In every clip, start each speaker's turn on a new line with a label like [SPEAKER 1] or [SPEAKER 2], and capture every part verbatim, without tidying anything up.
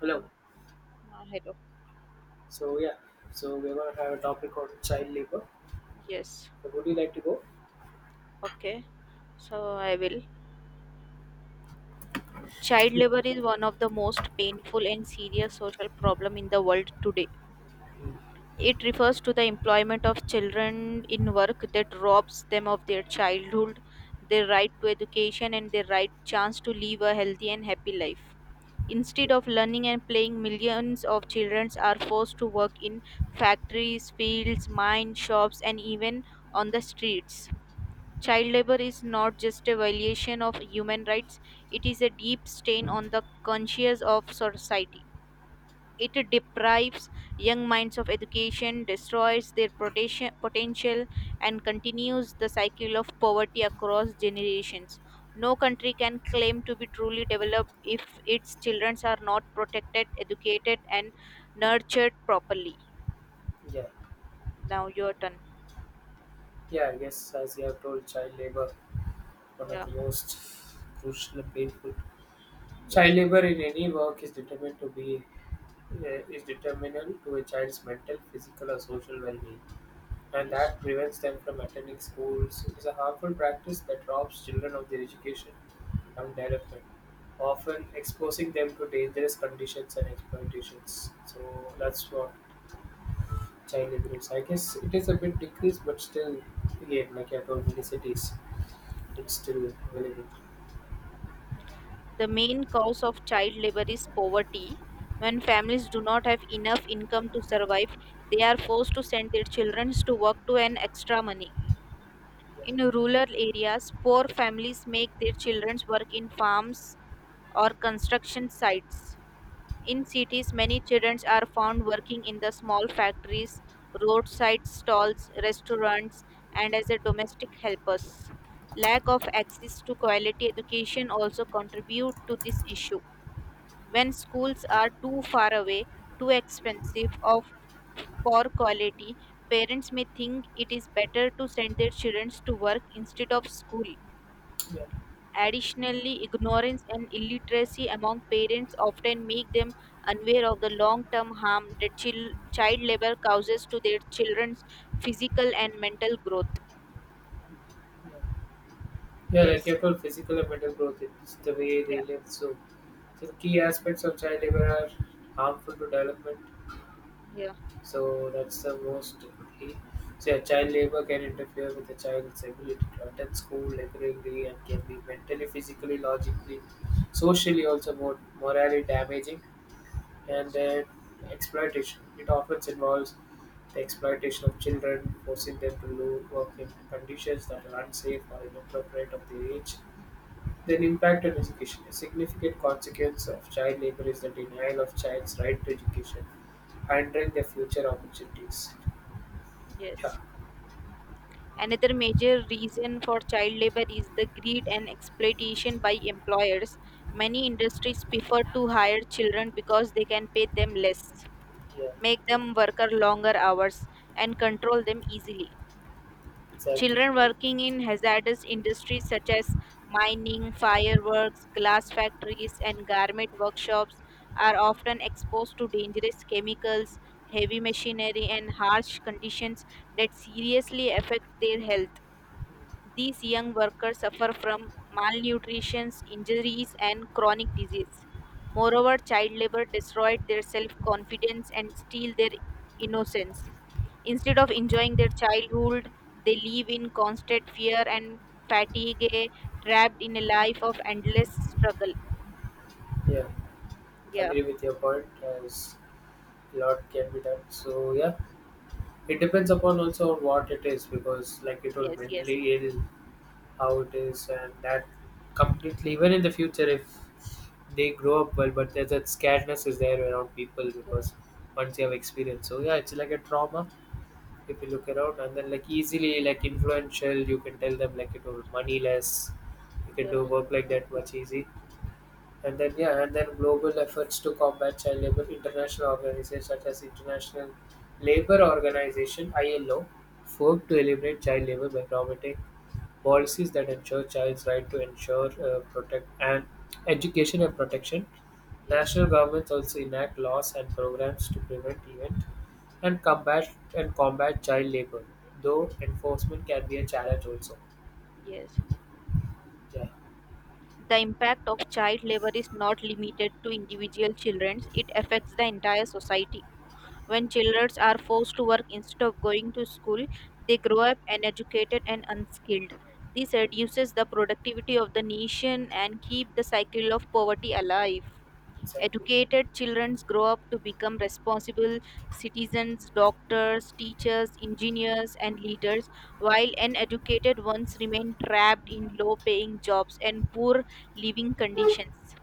[SPEAKER 1] Hello.
[SPEAKER 2] Uh, hello.
[SPEAKER 1] So yeah, so we're gonna have a topic on child labor.
[SPEAKER 2] Yes.
[SPEAKER 1] So would you like to go?
[SPEAKER 2] Okay. So I will. Child labor is one of the most painful and serious social problem in the world today. It refers to the employment of children in work that robs them of their childhood, their right to education and their right chance to live a healthy and happy life.
[SPEAKER 1] Yeah,
[SPEAKER 2] Instead of learning and playing, millions of children are forced to work in factories, fields, mines, shops and even on the streets. Child labor is not just a violation of human rights, it is a deep stain on the conscience of society. It deprives young minds of education, destroys their protection- potential, and continues the cycle of poverty across generations. No country can claim to be truly developed if its children are not protected, educated, and nurtured properly.
[SPEAKER 1] yeah,
[SPEAKER 2] Now, your turn.
[SPEAKER 1] yeah. I guess as you have told, child labor one of
[SPEAKER 2] Yeah,
[SPEAKER 1] the most crucial and painful. Child
[SPEAKER 2] yes,
[SPEAKER 1] labor in any work is determined to be, uh, is determinal to a child's mental, physical, or social well-being, and
[SPEAKER 2] yes,
[SPEAKER 1] that prevents them from attending schools. It is a harmful practice that robs children of their education and development, often exposing them to dangerous conditions and exploitations. So that's
[SPEAKER 2] yes.
[SPEAKER 1] what child labor is. I guess it is a bit decreased, but still, again, like I told, many cities, it's still available.
[SPEAKER 2] The main cause of child labor is poverty. When families do not have enough income to survive, they are forced to send their children to work to earn extra money. In rural areas, poor families make their children work in farms or construction sites. In cities, many children are found working in the small factories, roadside stalls, restaurants, and as a domestic helpers. Lack of access to quality education also contribute to this issue when schools are too far away, too expensive, of poor quality, parents may think it is better to send their children to work instead of school.
[SPEAKER 1] Yeah,
[SPEAKER 2] Additionally, ignorance and illiteracy among parents often make them unaware of the long term harm that chil- child labor causes to their children's physical and mental growth.
[SPEAKER 1] yeah, yeah. Like
[SPEAKER 2] Yes.
[SPEAKER 1] I told, physical and mental growth. It's the way
[SPEAKER 2] Yeah.
[SPEAKER 1] they live. So, so the key aspects of child labor are harmful to development.
[SPEAKER 2] Yeah.
[SPEAKER 1] So that's the most. he- So yeah, child labor can interfere with the child's ability to attend school regularly and can be mentally, physically, logically, socially also more morally damaging. And
[SPEAKER 2] Yes.
[SPEAKER 1] then exploitation. It often involves the exploitation of children, forcing them to lo- work in conditions that are unsafe or inappropriate of their age. Their impact on education: a significant consequence of child labor is the denial of child's right to education, hindering their future opportunities. Yeah.
[SPEAKER 2] Yes. Another major reason for child labor is the greed and exploitation by employers. Many industries prefer to hire children because they can pay them less,
[SPEAKER 1] Yeah,
[SPEAKER 2] make them work longer hours, and control them easily.
[SPEAKER 1] exactly.
[SPEAKER 2] Children working in hazardous industries such as mining, fireworks, glass factories, and garment workshops are often exposed to dangerous chemicals, heavy machinery, and harsh conditions that seriously affect their health. These young workers suffer from malnutrition, injuries, and chronic disease. Moreover, child labor destroyed their self confidence and steal their innocence. Instead of enjoying their childhood, they live in constant fear and fatigue, trapped in a life of endless struggle.
[SPEAKER 1] Yeah,
[SPEAKER 2] Yeah,
[SPEAKER 1] agree with your point. As a lot can be done. So yeah, it depends upon also on what it is because, like you told,
[SPEAKER 2] yes, yes.
[SPEAKER 1] mentally ill, how it is, and that completely. Even in the future, if they grow up well, but there's that scaredness is there around people
[SPEAKER 2] The-
[SPEAKER 1] because once you have experience. So yeah, it's like a trauma if you look around and then like easily like influential you can tell them like you know moneyless you can do
[SPEAKER 2] yeah,
[SPEAKER 1] work like that much easy. And then yeah, and then global efforts to combat child labor. International organizations such as International Labor Organization I L O work to eliminate child labor by promoting policies that ensure child's right to ensure, uh, protect and education and protection.
[SPEAKER 2] yes,
[SPEAKER 1] National governments also enact laws and programs to prevent event and combat and combat child labour, though enforcement can be a challenge also.
[SPEAKER 2] yes.
[SPEAKER 1] Yeah,
[SPEAKER 2] The impact of child labor is not limited to individual children, it affects the entire society. When children are forced to work instead of going to school, they grow up uneducated and unskilled. This reduces the productivity of the nation and keep the cycle of poverty alive.
[SPEAKER 1] exactly.
[SPEAKER 2] Educated children grow up to become responsible citizens, doctors, teachers, engineers, and leaders, while uneducated ones remain trapped in low paying jobs and poor living conditions.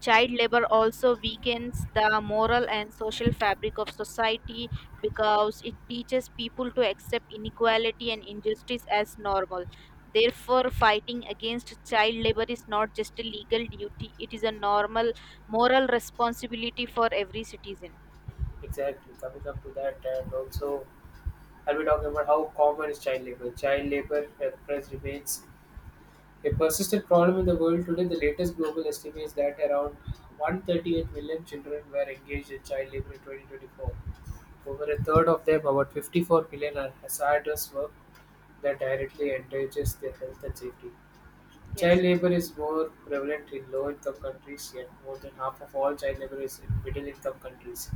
[SPEAKER 2] Child labor also weakens the moral and social fabric of society because it teaches people to accept inequality and injustice as normal.
[SPEAKER 1] Mm,
[SPEAKER 2] Therefore, fighting against child labor is not just a legal duty, it is a normal moral responsibility for every citizen.
[SPEAKER 1] exactly. Coming up to that, and also I'll be talking about how common is child labour. Child labour press remains a persistent problem in the world today. The latest global estimates that around one hundred thirty-eight million children were engaged in child labour in twenty twenty-four. Over a third of them, about fifty-four million, are hazardous work that directly endangers their health and safety. Child
[SPEAKER 2] Yes,
[SPEAKER 1] labour is more prevalent in low-income countries, yet more than half of all child labour is in middle-income countries.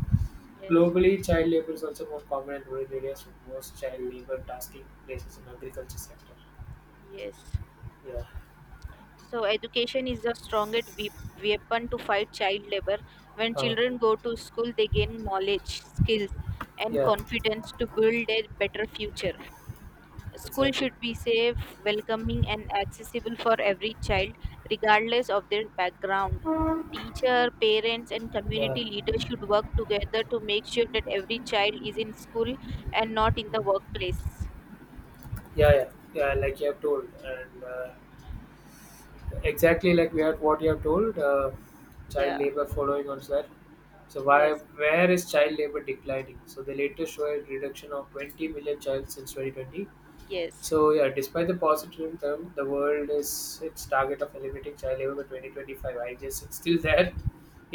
[SPEAKER 2] yes,
[SPEAKER 1] Globally, child labour is also more common in rural areas, with most child labour tasking places in agriculture sector.
[SPEAKER 2] yes.
[SPEAKER 1] Yeah.
[SPEAKER 2] So, education is the strongest we- weapon to fight child labor. When
[SPEAKER 1] Uh,
[SPEAKER 2] children go to school, they gain knowledge, skills, and
[SPEAKER 1] yeah.
[SPEAKER 2] confidence to build a better future. School
[SPEAKER 1] Exactly.
[SPEAKER 2] should be safe, welcoming, and accessible for every child, regardless of their background. Teacher, parents, and
[SPEAKER 1] Yeah.
[SPEAKER 2] community leaders should work together to make sure that every child is in school and not in the
[SPEAKER 1] Mm.
[SPEAKER 2] workplace.
[SPEAKER 1] Yeah, yeah, yeah. Like you have told, and uh, exactly like we had what you have told, uh, child
[SPEAKER 2] Yeah,
[SPEAKER 1] labour following on that. So why
[SPEAKER 2] yes,
[SPEAKER 1] where is child labour declining? So the latest showed a reduction of twenty million child since twenty twenty.
[SPEAKER 2] yes,
[SPEAKER 1] So yeah, despite the positivism, the world is its target of eliminating child labor by twenty twenty-five. I guess it's still there.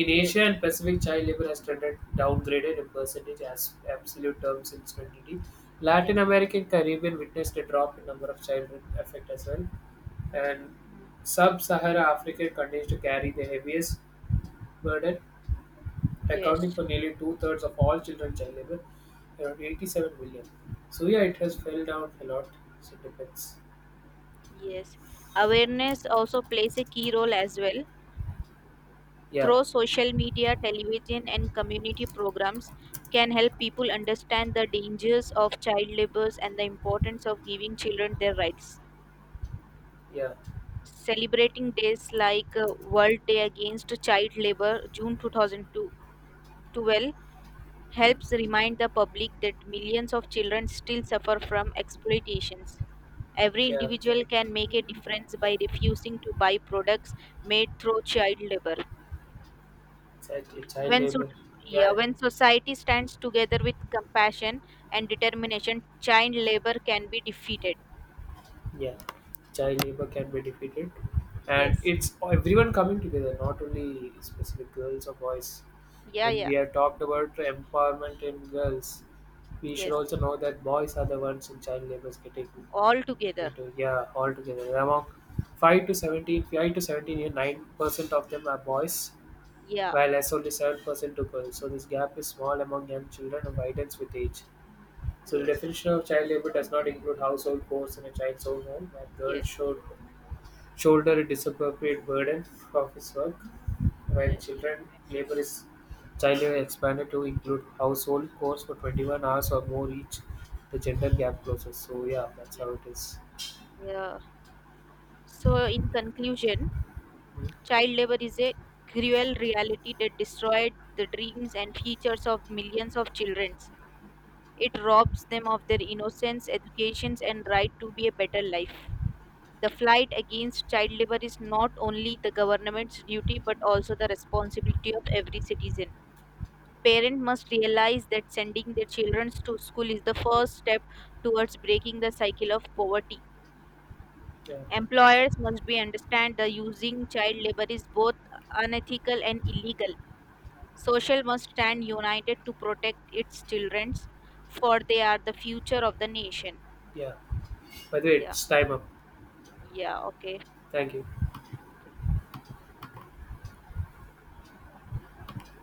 [SPEAKER 1] In
[SPEAKER 2] yes,
[SPEAKER 1] Asia and Pacific, child labor has trended downgraded in percentage as absolute terms in twenty twenty. Latin
[SPEAKER 2] yes,
[SPEAKER 1] America and Caribbean witnessed a drop in number of children affected as well, and
[SPEAKER 2] mm,
[SPEAKER 1] Sub-Saharan Africa continues to carry the heaviest burden, accounting
[SPEAKER 2] yes.
[SPEAKER 1] for nearly two-thirds of all children child labor, around eighty-seven million. So yeah, it has fell down a lot. So it depends.
[SPEAKER 2] Yes, awareness also plays a key role as well.
[SPEAKER 1] Yeah.
[SPEAKER 2] Through social media, television, and community programs, can help people understand the dangers of child labor and the importance of giving children their rights.
[SPEAKER 1] Yeah,
[SPEAKER 2] Celebrating days like uh, World Day Against Child Labor, June twenty twelve, helps
[SPEAKER 1] mm,
[SPEAKER 2] remind the public that millions of children still suffer from exploitations. Every
[SPEAKER 1] yeah,
[SPEAKER 2] individual can make a difference by refusing to buy products made through child labor.
[SPEAKER 1] exactly. Child
[SPEAKER 2] When, so-
[SPEAKER 1] labor.
[SPEAKER 2] yeah,
[SPEAKER 1] Yeah,
[SPEAKER 2] when society stands together with compassion and determination, child labor can be defeated.
[SPEAKER 1] yeah. Child labor can be defeated, and
[SPEAKER 2] Yes.
[SPEAKER 1] it's everyone coming together, not only specific girls or boys.
[SPEAKER 2] Yeah,
[SPEAKER 1] When
[SPEAKER 2] yeah.
[SPEAKER 1] we have talked about empowerment in girls, we should
[SPEAKER 2] Yes.
[SPEAKER 1] also know that boys are the ones in child labor getting
[SPEAKER 2] All together.
[SPEAKER 1] into, yeah, altogether. Among five to seventeen, five to seventeen year nine percent of them are boys,
[SPEAKER 2] Yeah.
[SPEAKER 1] while as only seven percent to girls. So this gap is small among young children and widens with age. So the
[SPEAKER 2] Yes.
[SPEAKER 1] definition of child labor does not include household chores in a child's own home, where girls
[SPEAKER 2] Yes.
[SPEAKER 1] should shoulder a disappropriate burden of his work, while
[SPEAKER 2] Yes.
[SPEAKER 1] children labor is child labor expanded to include household chores for twenty-one hours or more each. The gender gap closes. So yeah, that's how it is.
[SPEAKER 2] Yeah. So, in conclusion,
[SPEAKER 1] Hmm.
[SPEAKER 2] child labor is a cruel reality that destroyed the dreams and futures of millions of children. It robs them of their innocence, educations, and right to be a better life. The fight against child labor is not only the government's duty but also the responsibility of every citizen. Parents must realize that sending their children to school is the first step towards breaking the cycle of poverty.
[SPEAKER 1] Yeah,
[SPEAKER 2] Employers must be understand the using child labor is both unethical and illegal. Social must stand united to protect its children, for they are the future of the nation.
[SPEAKER 1] yeah. By the way,
[SPEAKER 2] Yeah,
[SPEAKER 1] it's time up.
[SPEAKER 2] yeah, okay.
[SPEAKER 1] Thank you.